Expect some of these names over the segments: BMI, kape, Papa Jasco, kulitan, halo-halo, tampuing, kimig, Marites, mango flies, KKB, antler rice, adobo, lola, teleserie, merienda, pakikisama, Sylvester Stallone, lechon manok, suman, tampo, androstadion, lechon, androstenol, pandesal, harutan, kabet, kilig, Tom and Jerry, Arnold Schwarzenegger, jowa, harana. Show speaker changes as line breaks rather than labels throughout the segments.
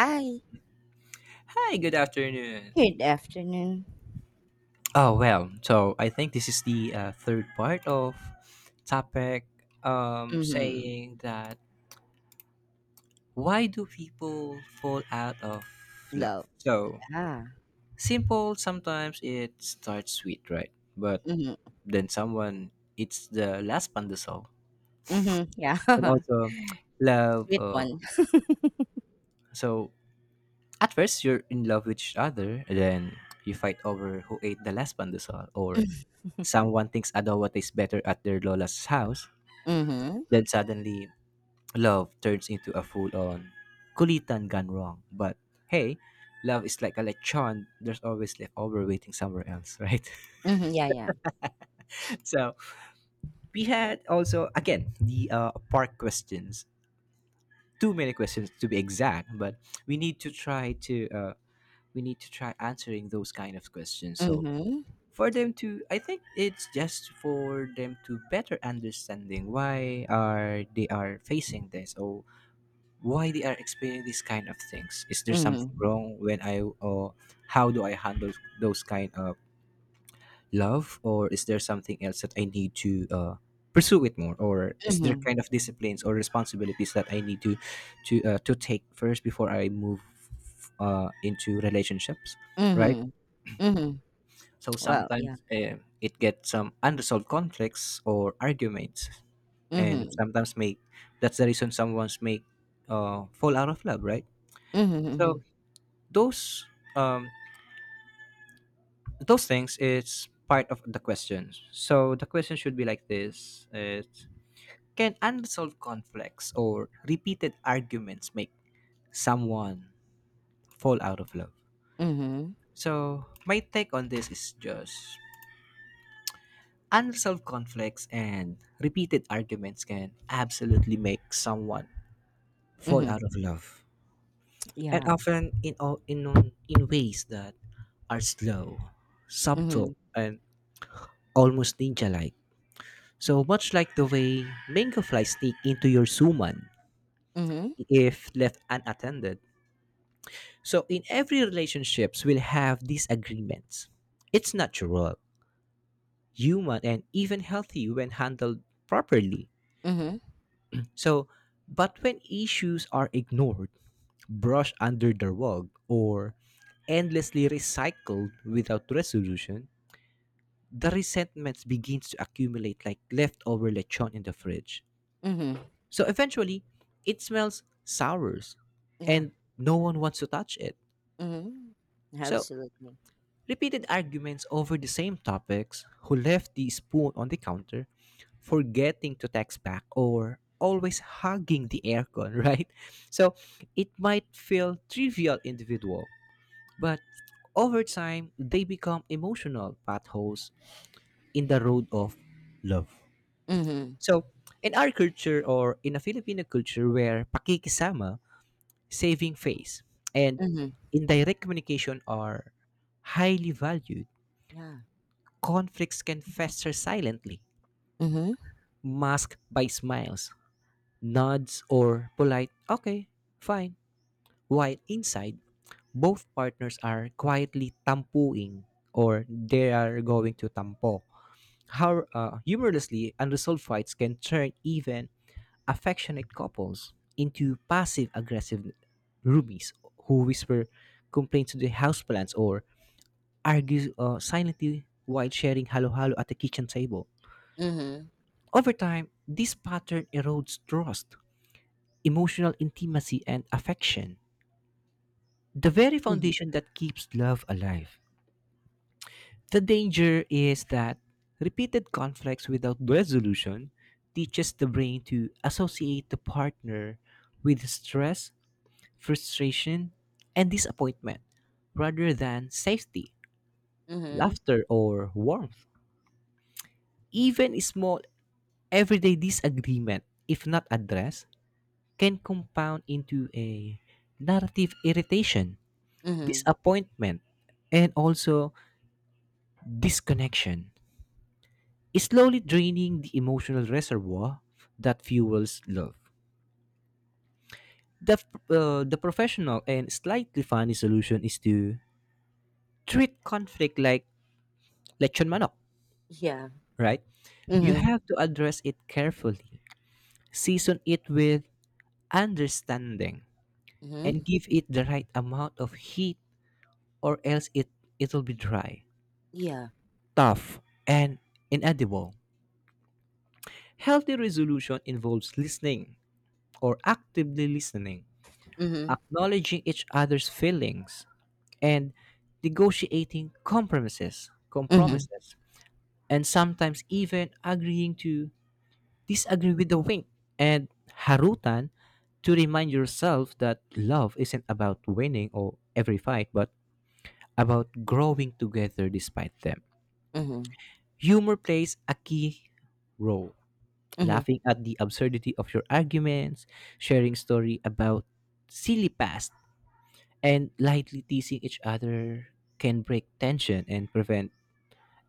Hi.
Hi, good afternoon.
Good afternoon.
So I think this is the third part of topic,
Mhm.
saying that why do people fall out of love?
Love.
So,
Ah.
simple, sometimes it starts sweet, right? But
Yeah. Mhm.
then someone eats the last pandesal.
Mhm. Yeah.
And also, love.
Sweet
Uh,
one.
so, at first, you're in love with each other, and then you fight over who ate the last pandesal, or someone thinks adobo tastes better at their lola's house.
Mhm.
Then suddenly, love turns into a full on kulitan gone wrong. But hey, love is like a lechon. There's always leftover waiting somewhere else, right?
Mhm. Yeah. Yeah.
So we had also, again, the park questions. Too many questions to be exact, but we need to try to uh, we need to try answering those kind of questions. So
Mhm.
for them to, I think it's just for them to better understanding why are they are facing this, or why they are experiencing these kind of things, is there something
Mhm.
wrong when I, or how do I handle those kind of love, or is there something else that I need to pursue it more, or is there
Mhm.
kind of disciplines or responsibilities that I need to to take first before I move into relationships, right?
Mhm. Mhm.
So
Well. Yeah.
sometimes it gets some unresolved conflicts or arguments, and
Mhm.
sometimes make, that's the reason someone's make, fall out of love, right?
Mhm.
So
Mhm.
those, um those things is part of the questions. So the question should be like this, it's, can unresolved conflicts or repeated arguments make someone fall out of love?
Mhm.
So my take on this is just, unresolved conflicts and repeated arguments can absolutely make someone fall
Mhm.
out of love, and
Yeah.
often in ways that are slow,
Mhm.
subtle, and almost ninja like. So much like the way mango flies sneak into your suman
Mhm.
if left unattended. So in every relationships we'll have disagreements. It's natural, human, and even healthy when handled properly.
Mhm.
So but when issues are ignored, brushed under the rug, or endlessly recycled without resolution, the resentments begins to accumulate like leftover lechon in the fridge.
Mhm.
So eventually, it smells sours,
Yeah.
and no one wants to touch it.
Mhm.
So,
Absolutely.
repeated arguments over the same topics, who left the spoon on the counter, forgetting to text back, or always hugging the aircon, right? So, it might feel trivial individual, but over time, they become emotional potholes in the road of love.
Mhm.
So, in our culture or in a Filipino culture where pakikisama, saving face, and
Mhm.
indirect communication are highly valued.
Yeah.
Conflicts can fester silently,
Mhm.
masked by smiles, nods, or polite, okay, fine. While inside, both partners are quietly tampuing, or they are going to tampo. How, humorlessly, unresolved fights can turn even affectionate couples into passive aggressive roomies who whisper complaints to the houseplants, or argues silently while sharing halo-halo at the kitchen table.
Mhm.
Over time, this pattern erodes trust, emotional intimacy, and affection, the very
Mhm.
foundation that keeps love alive. The danger is that repeated conflicts without resolution teaches the brain to associate the partner with stress, frustration, and disappointment rather than safety,
Mhm.
laughter, or warmth. Even small everyday disagreement, if not addressed, can compound into a narrative irritation,
Mhm.
disappointment, and also disconnection, slowly draining the emotional reservoir that fuels love. The, the professional and slightly funny solution is to treat conflict like lechon manok,
Yeah.
right? You
Mhm.
have to address it carefully, season it with understanding,
Mhm.
and give it the right amount of heat, or else it'll be dry,
Yeah.
tough, and inedible. Healthy resolution involves listening, or actively listening,
Mhm.
acknowledging each other's feelings, and negotiating compromises,
Mhm,
compromises, and sometimes even agreeing to disagree with a wink and harutan to remind yourself that love isn't about winning or every fight, but about growing together despite them.
mhm,
Humor plays a key role.
mhm,
Laughing at the absurdity of your arguments, sharing story about silly past, and lightly teasing each other can break tension and prevent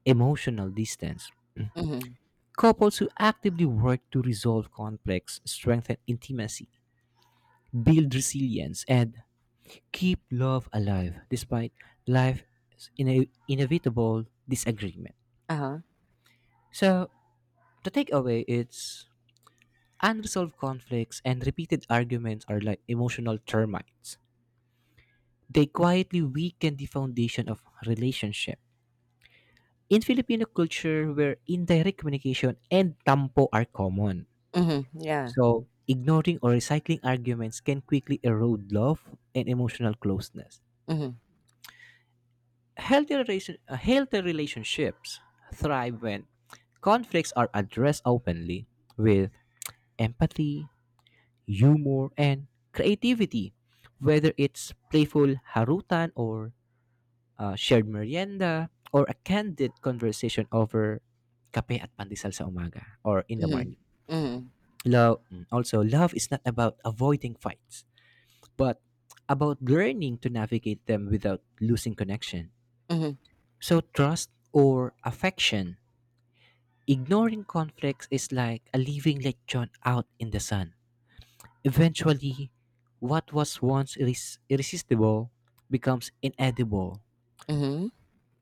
emotional distance.
mhm,
Couples who actively work to resolve conflicts strengthen intimacy, build resilience, and keep love alive despite life's inevitable disagreement.
uh-huh,
So the takeaway is, unresolved conflicts and repeated arguments are like emotional termites. They quietly weaken the foundation of relationship. In Filipino culture, where indirect communication and tampo are common,
mhm, yeah,
so ignoring or recycling arguments can quickly erode love and emotional closeness.
mhm,
Healthy relationships thrive when conflicts are addressed openly with empathy, humor, and creativity. Whether it's playful harutan, or shared merienda, or a candid conversation over kape at pandesal sa umaga, or in the
mhm,
morning.
mhm,
Love, also, love is not about avoiding fights, but about learning to navigate them without losing connection.
mhm,
So, trust or affection. Ignoring conflicts is like a living lechon out in the sun. Eventually, what was once irresistible becomes inedible.
mhm,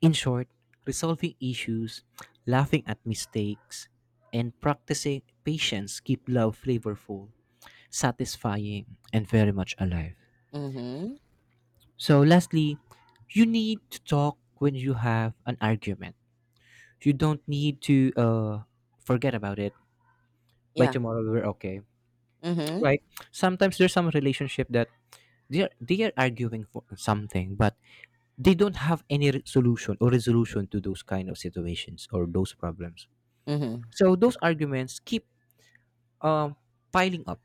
In short, resolving issues, laughing at mistakes, and practicing patience keep love flavorful, satisfying, and very much alive.
mhm,
So, lastly, you need to talk when you have an argument. You don't need to forget about it. By
yeah,
tomorrow, we're okay.
mhm,
Right? Sometimes there's some relationship that they are arguing for something, but they don't have any solution or resolution to those kind of situations or those problems.
mhm,
So those arguments keep, um, piling up,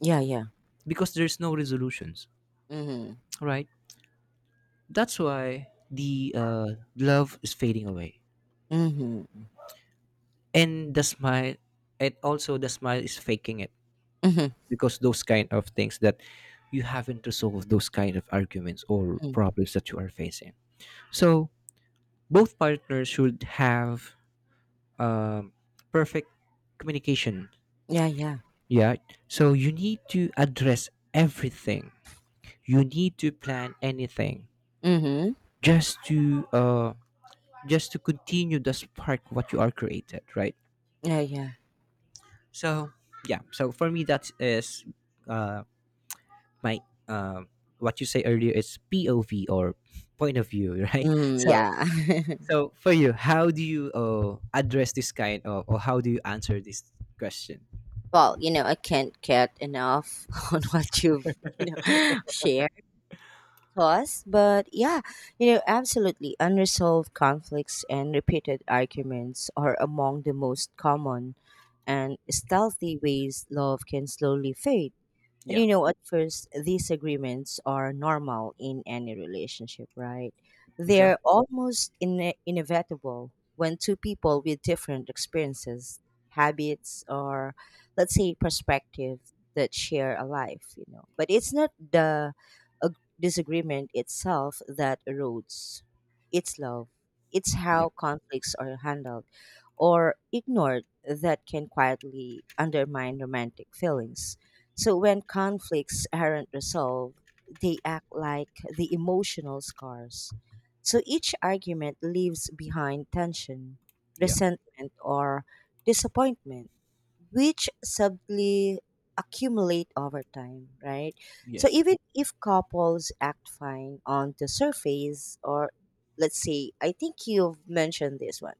yeah, yeah,
because there's no resolutions,
mhm,
right? That's why the love is fading away,
mhm,
and the smile, and also the smile is faking it,
mhm,
because those kind of things that you haven't resolved those kind of arguments or
mm,
problems that you are facing. So both partners should have, um, perfect communication.
yeah, yeah,
Yeah. So you need to address everything. You need to plan anything
mhm,
just to uh just to continue the spark what you are created, right?
yeah, yeah,
So yeah. So for me that is uh my uh, what you say earlier is POV, or point of view, right?
mm,
So
yeah.
so for you, how do you address this kind of, or how do you answer this question?
Well, I can't get enough on what you've shared thoughts, but yeah, absolutely. Unresolved conflicts and repeated arguments are among the most common and stealthy ways love can slowly fade. And
Yeah.
at first, these agreements are normal in any relationship, right? They're
Exactly.
almost inevitable when two people with different experiences, habits, or let's say perspective that share a life. But it's not the disagreement itself that erodes, it's love. It's
Yeah.
how conflicts are handled or ignored that can quietly undermine romantic feelings. So when conflicts aren't resolved, they act like the emotional scars. So each argument leaves behind tension,
Yeah.
resentment, or disappointment, which subtly accumulate over time, right? So
Yes.
even if couples act fine on the surface, or let's say, I think you've mentioned this one,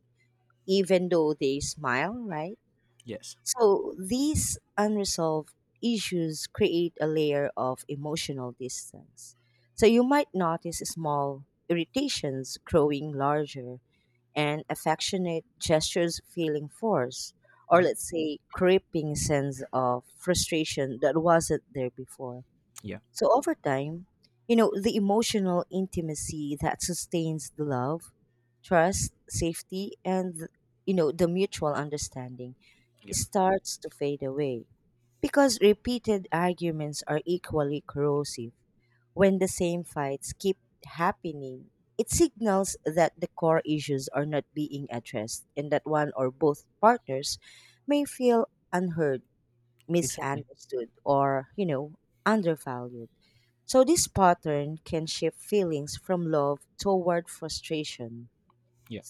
even though they smile, right?
Yes.
So these unresolved issues create a layer of emotional distance. So you might notice small irritations growing larger and affectionate gestures feeling forced, or
Hmm.
let's say creeping sense of frustration that wasn't there before.
Yeah.
So over time, the emotional intimacy that sustains the love, trust, safety, and the mutual understanding
Yeah.
starts to fade away because repeated arguments are equally corrosive. When the same fights keep happening, it signals that the core issues are not being addressed and that one or both partners may feel unheard,
Exactly.
misunderstood, or, undervalued. So this pattern can shift feelings from love toward frustration.
Yeah.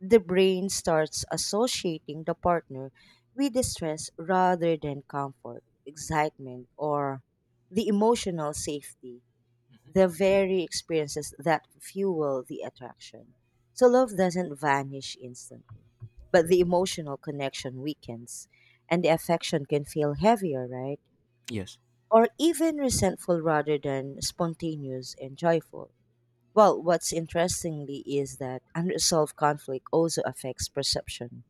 The brain starts associating the partner with distress rather than comfort, excitement, or the emotional safety, the very experiences that fuel the attraction. So love doesn't vanish instantly, but the emotional connection weakens and the affection can feel heavier, right?
Yes.
Or even resentful rather than spontaneous and joyful. Well, what's interestingly is that unresolved conflict also affects perception.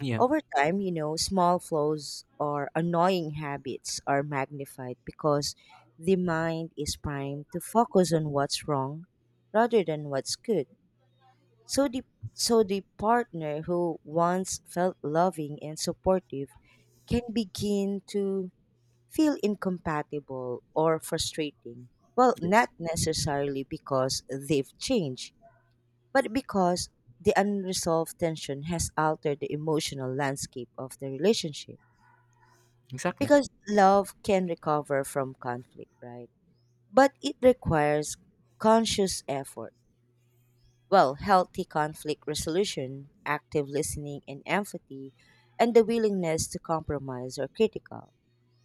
Yeah.
Over time, small flaws or annoying habits are magnified because the mind is primed to focus on what's wrong rather than what's good. So the partner who once felt loving and supportive can begin to feel incompatible or frustrating. Well, not
Yes.
necessarily because they've changed, but because the unresolved tension has altered the emotional landscape of the relationship.
Exactly.
Because love can recover from conflict, right? But it requires conscious effort. Well, healthy conflict resolution, active listening and empathy, and the willingness to compromise are critical.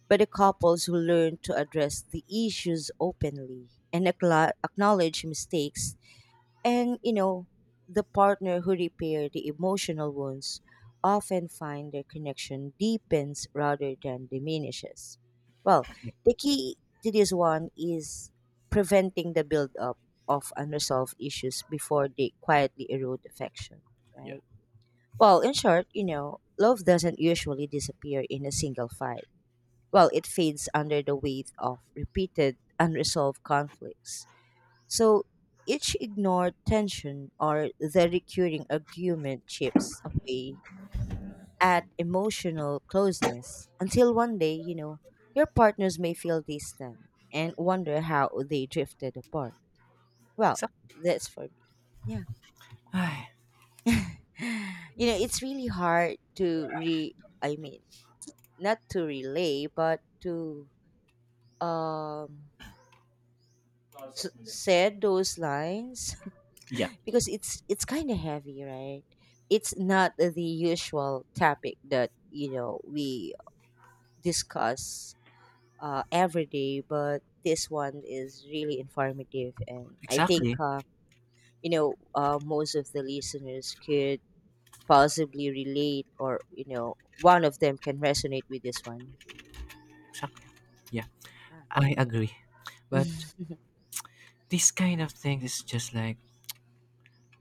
But the couples who learn to address the issues openly and acknowledge mistakes. And the partner who repair the emotional wounds often find their connection deepens rather than diminishes. Well,
Yeah.
the key to this one is preventing the buildup of unresolved issues before they quietly erode affection,
Yeah.
right? Well, in short, love doesn't usually disappear in a single fight. Well, it fades under the weight of repeated unresolved conflicts. So each ignored tension or the recurring argument chips away at emotional closeness until one day, your partners may feel distant and wonder how they drifted apart. Well,
Exactly.
that's for me. Yeah. You know, it's really hard to I mean, not to relay but to um said those lines
Yeah.
because it's kind of heavy, right? It's not the usual topic that we discuss every day, but this one is really informative, and I think
Exactly.
most of the listeners could possibly relate, or one of them can resonate with this one.
Exactly. Yeah.
Yeah.
I agree. But this kind of thing is just like,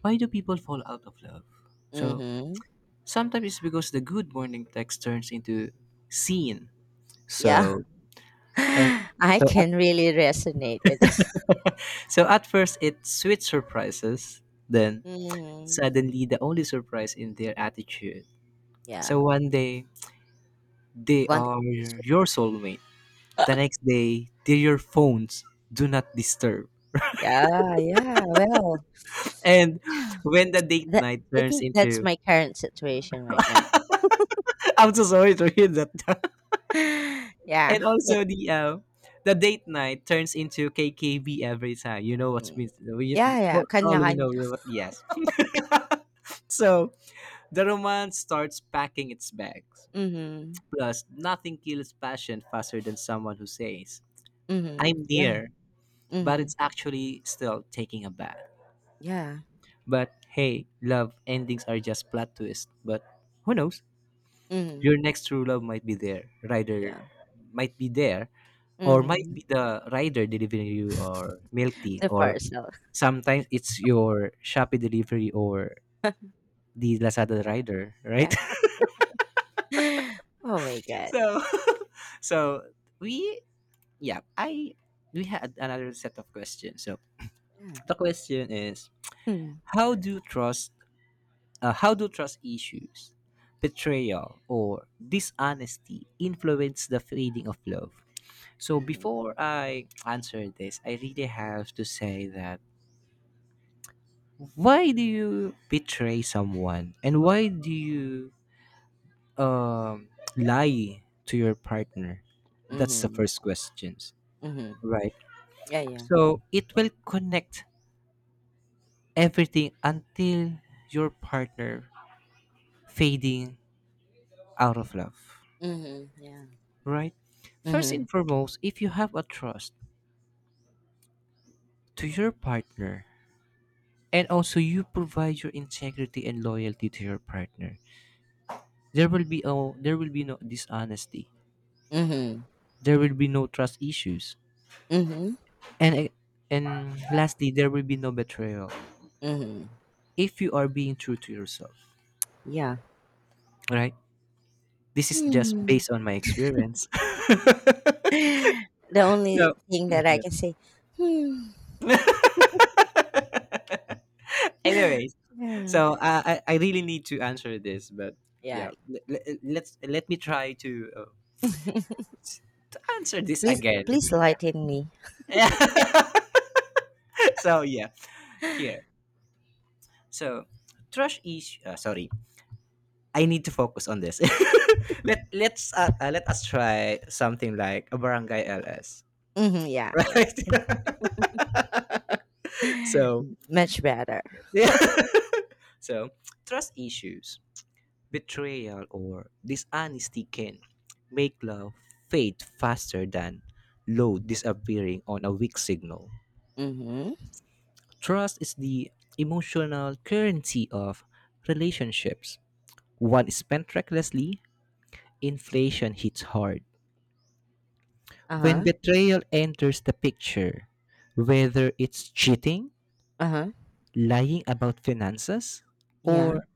why do people fall out of love? So
Mm-hmm.
sometimes it's because the good morning text turns into scene.
Yeah,
So and
I
so
can really resonate with.
at, so at first it's sweet surprises, then
Mm-hmm.
suddenly the only surprise in their attitude.
Yeah,
So one day they
one
are
thing is-
your soulmate. The next day, they're your phones, do not disturb.
Yeah, yeah. Well,
And when the date
that
night
I
turns
think that's
into,
my current situation right now.
I'm so sorry to hear that.
Yeah,
And
but
also the date night turns into KKB every time. You know what
mm,
means.
yeah,
We
yeah,
well, all we know
kanya-kanya.
what yes. So the romance starts packing its bags.
Mhm,
Plus, nothing kills passion faster than someone who says,
mhm,
"I'm
yeah,
near," but it's
mhm,
actually still taking a bath.
yeah,
But hey, love endings are just plot twists. But who knows?
mhm,
Your next true love might be there, rider
yeah,
might be there, or might
mhm.
be the rider delivering you or milk tea,
So
or
far, so
sometimes it's your Shopee delivery or the Lazada rider,
yeah,
right?
yeah. Oh my God.
so, so we yeah, I we had another set of questions. So
Yeah.
the question is,
Hmm.
how do trust how do trust issues, betrayal, or dishonesty influence the feeling of love? So
Mhm,
before I answer this, I really have to say that, why do you betray someone, and why do you um, lie to your partner? That's the
mhm,
first questions,
mhm.
right?
Yeah, yeah.
So it will connect everything until your partner fading out of love.
Mhm, yeah.
Right? First
Mhm,
and foremost, if you have a trust to your partner, and also you provide your integrity and loyalty to your partner, there will be no dishonesty.
mhm,
There will be no trust issues.
mhm,
And and lastly, there will be no betrayal
mhm.
if you are being true to yourself,
Yeah.
right? This is just
Mhm.
based on my experience.
The only
So,
thing that I can say, "Hmm,
yeah. Anyway,
yeah,
so I really need to answer this, but yeah,
yeah."
let me try to answer this
Please,
again.
please lighten me.
Yeah. So yeah, here. So trash is sorry. I need to focus on this. Let us try something like a barangay LS,
Hmm, yeah, yeah.
right? So
Much better.
yeah. So trust issues, betrayal or dishonesty can make love fade faster than load disappearing on a weak signal.
Mm-hmm.
Trust is the emotional currency of relationships. One is spent recklessly, inflation hits hard. When
Uh-huh.
betrayal enters the picture, whether it's cheating,
Uh-huh.
lying about finances,
Yeah.
or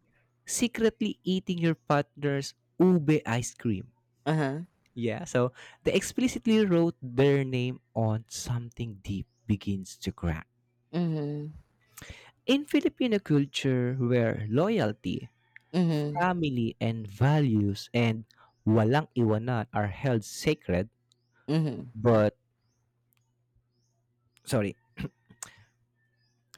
secretly eating your partner's ube ice cream,
Uh-huh.
yeah, so they explicitly wrote their name on something deep begins to crack.
Mm-hmm.
In Filipino culture, where loyalty,
Mm-hmm.
family, and values, and walang iwanan are held sacred,
Mm-hmm.
but sorry,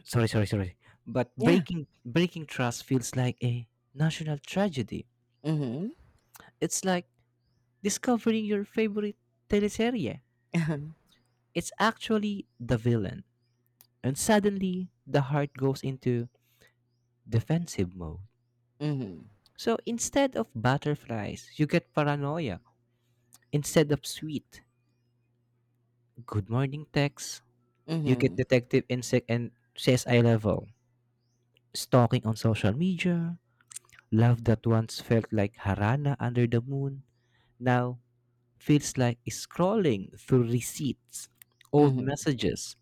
sorry, but
Yeah.
breaking trust feels like a national tragedy.
Mm-hmm.
It's like discovering your favorite teleserie.
Uh-huh.
It's actually the villain, and suddenly the heart goes into defensive mode.
Mm-hmm.
So instead of butterflies, you get paranoia. Instead of sweet, good morning texts, you get
Mm-hmm.
detective insect and CSI level. Stalking on social media, love that once felt like harana under the moon, now feels like scrolling through receipts, old
Mm-hmm.
messages,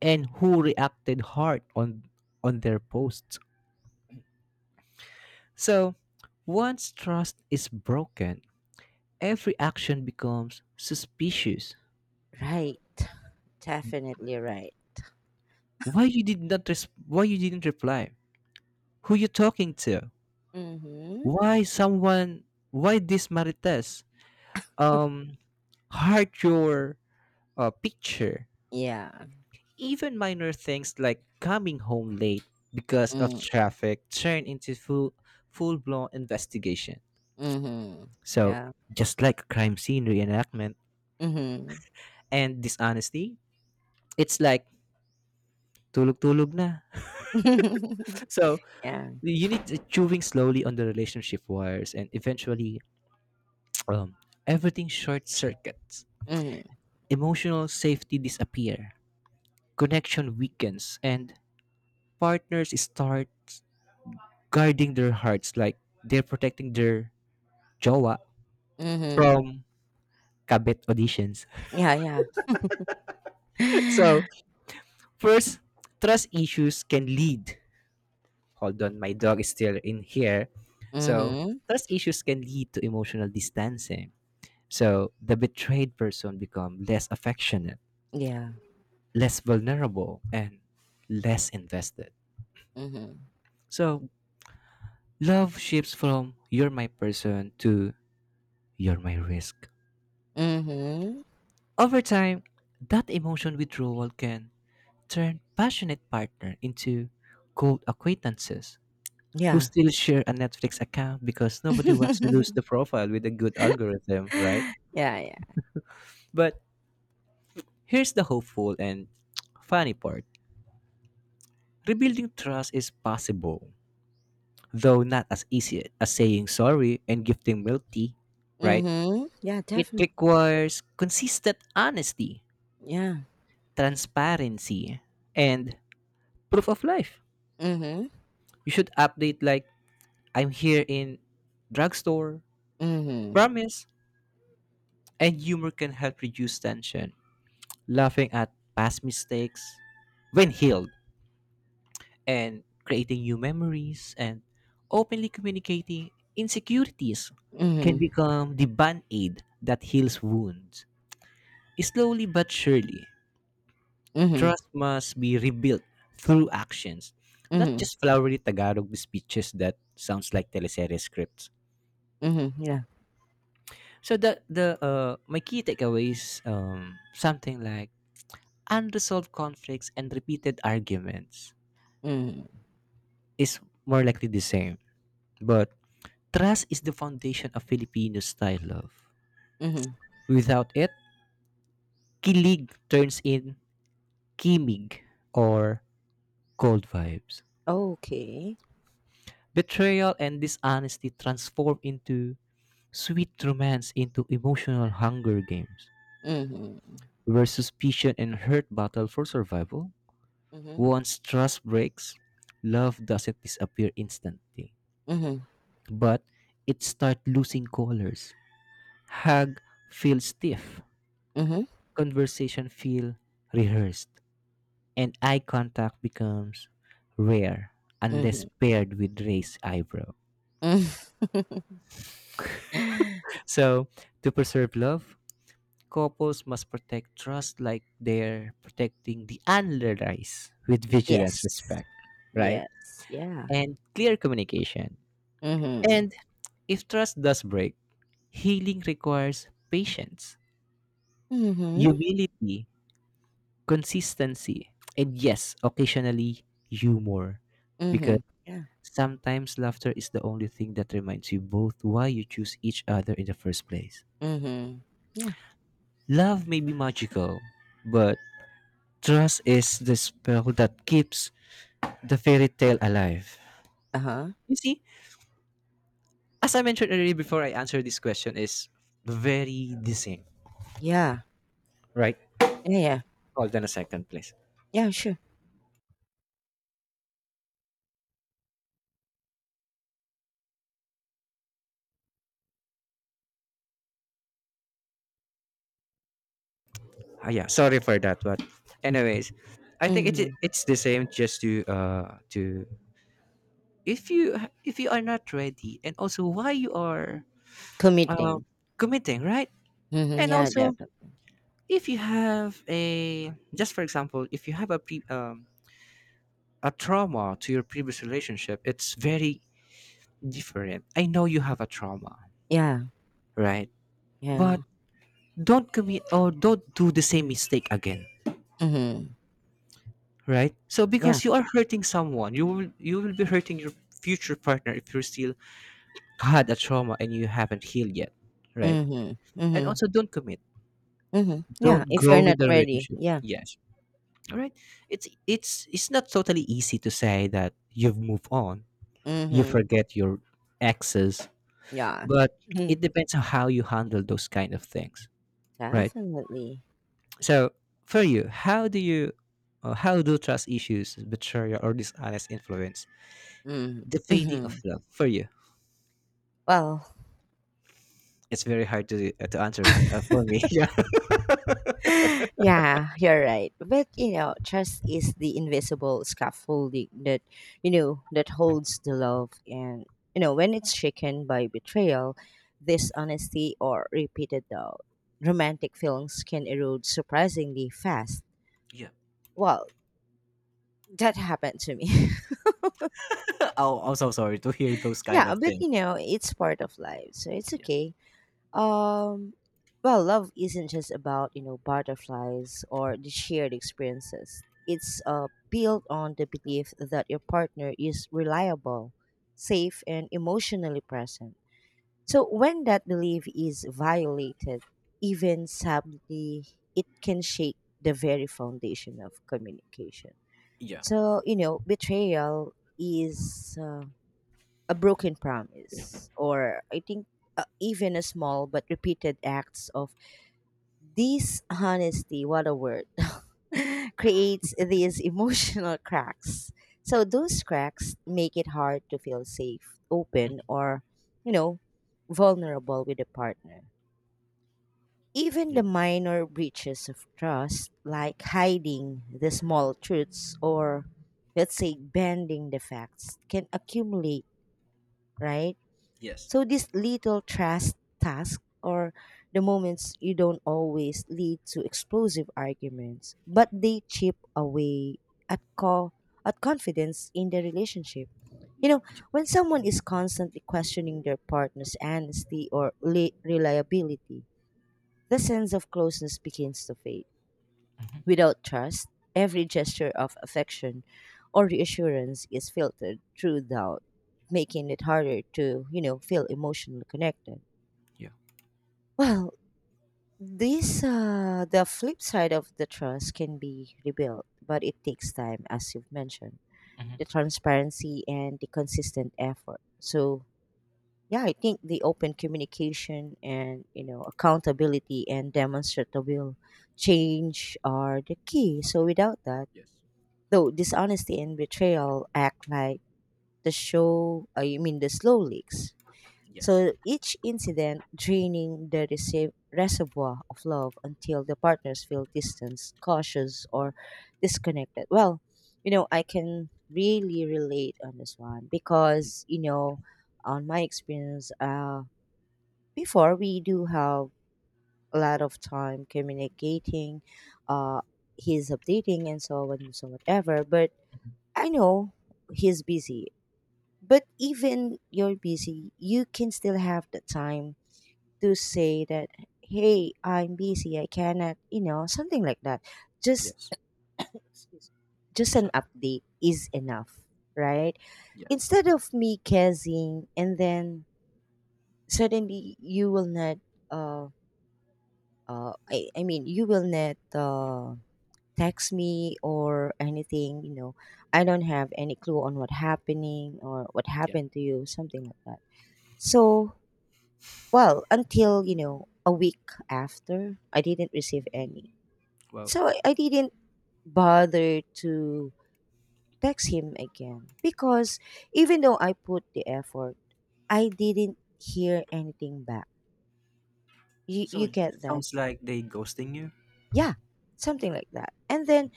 and who reacted hard on their posts. So once trust is broken, every action becomes suspicious.
Right. Definitely right.
Why you didn't reply? Who you talking to?
Mm-hmm.
Why someone why this Marites um heart your picture?
Yeah.
Even minor things like coming home late because of
Mm-hmm.
traffic turn into full blown investigation.
Mm-hmm,
So
yeah.
just like crime scene reenactment
Mm-hmm.
and dishonesty, it's like tulog tulog na. So
Yeah.
you need to chewing slowly on the relationship wires and eventually problem. Everything short circuits.
Mm-hmm.
Emotional safety disappear. Connection weakens and partners start guarding their hearts like they're protecting their jowa
Mhm.
from kabet auditions.
Yeah, yeah.
So, first, trust issues can lead. Hold on, my dog is still in here. So,
Mhm.
trust issues can lead to emotional distancing. So, the betrayed person become less affectionate,
Yeah.
less vulnerable, and less invested.
Mhm.
So, love shifts from you're my person to you're my risk.
Mhm.
Over time, that emotion withdrawal can turn passionate partner into cold acquaintances who
Yeah.
still share a Netflix account because nobody wants to lose the profile with a good algorithm, right?
Yeah, yeah.
But here's the hopeful and funny part. Rebuilding trust is possible, though not as easy as saying sorry and gifting milk tea, right?
Mhm. Yeah,
It
definitely.
requires consistent honesty,
Yeah.
transparency, and proof of life.
Mhm.
You should update like I'm here in drugstore,
Mhm.
promise, and humor can help reduce tension. Laughing at past mistakes when healed and creating new memories and openly communicating insecurities can
Mhm.
become the band-aid that heals wounds. Slowly but surely,
Mhm.
trust must be rebuilt through actions, not
Mhm.
just flowery Tagalog speeches that sounds like teleserye scripts.
Mhm. Yeah.
So the my key takeaways something like unresolved conflicts and repeated arguments
Mhm.
is more likely the same. But trust is the foundation of Filipino style love.
Mhm.
Without it, kilig turns in kimig or cold vibes.
Okay.
Betrayal and dishonesty transform into sweet romance into emotional hunger games,
Mhm.
where suspicion and hurt battle for survival.
Mhm.
Once trust breaks, love doesn't disappear instantly,
Mhm.
but it starts losing colors. Hug feels stiff,
Mhm.
conversation feel rehearsed, and eye contact becomes rare unless
Mhm.
paired with raised eyebrow.
Mhm.
So, to preserve love, couples must protect trust like they're protecting the antler rice with vigilance,
Yes.
respect, right?
Yes. Yeah.
And clear communication.
Mhm.
And if trust does break, healing requires patience,
Mhm.
humility, consistency, and yes, occasionally humor. Because
Mhm. Yeah.
sometimes laughter is the only thing that reminds you both why you choose each other in the first place.
Mhm. Yeah.
Love may be magical, but trust is the spell that keeps the fairy tale alive.
Uh-huh.
You see, as I mentioned earlier before I answer this question, is very the same,
Yeah.
right?
Yeah, yeah.
Hold on a second, please.
Yeah, sure.
Ah, yeah, sorry for that, but anyways, I think it
Mhm.
it's the same. Just to if you if you are not ready, and also why you are um
Committing.
committing, right?
Mhm.
And
Yeah,
also
definitely.
if you have a just for example, if you have a pre, a trauma to your previous relationship, it's very different. I know you have a trauma,
Yeah.
right?
Yeah.
But don't commit or don't do the same mistake again,
Mhm.
right? So
Yeah.
because you are hurting someone, you will be hurting your future partner if you still had a trauma and you haven't healed yet, right?
Mhm.
And
Mhm.
also don't commit.
Mhm. Yeah,
Don't
if you're
go with
not
the
ready.
relationship.
Yeah.
Yes. All right. It's not totally easy to say that you've moved on, you
Mhm.
forget your exes,
Yeah.
but
Mhm.
it depends on how you handle those kind of things, right?
Definitely.
So for you how do trust issues, betrayal, or dishonest influence
Mhm.
the fading of
Mhm.
love for you?
Well,
It's very hard to answer for me. Yeah,
yeah, you're right. But trust is the invisible scaffolding that that holds the love, and when it's shaken by betrayal, dishonesty, or repeated doubt, romantic feelings can erode surprisingly fast.
yeah.
Well, that happened to me.
Oh, I'm so sorry to hear those kind
Yeah,
of
but
things.
it's part of life, so it's
Yeah.
okay. Um, well, love isn't just about butterflies or the shared experiences. It's built on the belief that your partner is reliable, safe, and emotionally present. So when that belief is violated, even subtly, it can shake the very foundation of communication.
Yeah.
So betrayal is. A broken promise, or I think even a small but repeated acts of dishonesty, what a word, creates these emotional cracks.
Yeah.
So those cracks make it hard to feel safe, open,
Mhm.
or, you know, vulnerable with a partner. Even
Yeah,
the minor breaches of trust, like hiding the small truths or, let's say, bending the facts, can accumulate, right?
yes.
So these little trust tasks or the moments you don't always lead to explosive arguments, but they chip away at at confidence in the relationship. You know, when someone is constantly questioning their partner's honesty or reliability, the sense of closeness begins to fade.
Hmm.
Without trust, every gesture of affection or reassurance is filtered through doubt, making it harder to, feel emotionally connected.
Yeah.
Well, this the flip side of the trust can be rebuilt, but it takes time, as you've mentioned,
Hmm.
the transparency and the consistent effort. So yeah, I think the open communication and accountability and demonstrable change are the key. So without that,
Yes.
though dishonesty and betrayal act like the show I mean the slow leaks,
Yes.
so each incident draining the receive reservoir of love until the partners feel distance cautious or disconnected. Well, I can really relate on this one
Yeah.
because on my experience before we do have a lot of time communicating. uh he's updating and so on and so whatever, but I know he's busy, but even you're busy, you can still have the time to say that, hey, I'm busy, I cannot, something like that. Just,
Yes.
excuse me. Just an
So
update is enough, right?
yes.
Instead of me guessing and then suddenly you will not, uh, you will not, text me or anything, I don't have any clue on what happening or what
Yeah.
happened to you, something like that. So, well, until, a week after, I didn't receive any.
Well,
So I didn't bother to text him again because even though I put the effort, I didn't hear anything back. You
so
you
it
get that?
sounds like they ghosting you.
Yeah, something like that. And then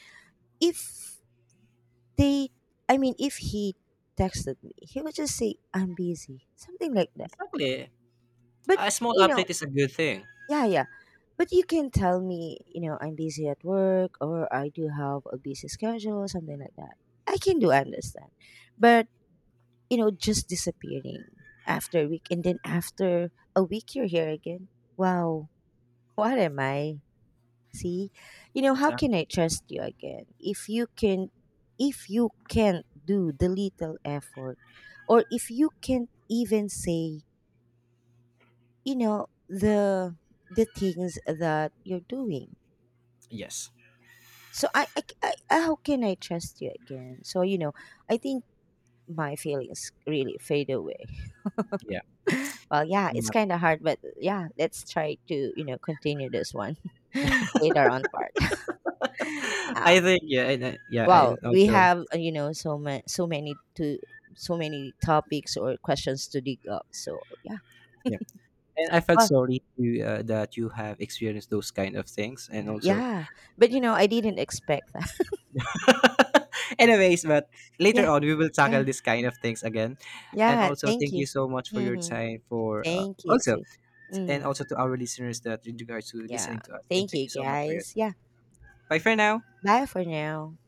if They, if he texted me, he would just say, I'm busy, something like that.
Exactly.
But,
A small
you know,
update is a good thing.
yeah, yeah. But you can tell me, I'm busy at work or I do have a busy schedule, something like that. I can do understand. But, just disappearing after a week and then after a week you're here again. Wow, what am I? See, how can
Exactly.
I trust you again if you can if you can't do the little effort or if you can't even say, you know, the the things that you're doing.
Yes.
So how can I trust you again? So, I think my feelings really fade away.
Yeah.
Well, yeah,
I'm
it's
not-
kind of hard, but yeah, let's try to, continue this one later on part. Uh,
I think yeah, and I, yeah,
well,
and
we
also
have so many topics or questions to dig up. So yeah,
yeah, and I felt
well,
sorry to, that you have experienced those kind of things, and
yeah,
also,
yeah. But I didn't expect that.
anyways, but later
Yeah,
on we will
yeah,
tackle this kind of things again, and
yeah.
also
Thank
thank you
you.
so much for your
Hmm.
time for
Thank you
also
too.
and
Hmm.
also to our listeners that in regards to
Yeah.
listening to us, and
Thank
thank
you
you so much for your
guys.
time.
Yeah.
Bye for now.
Bye for now.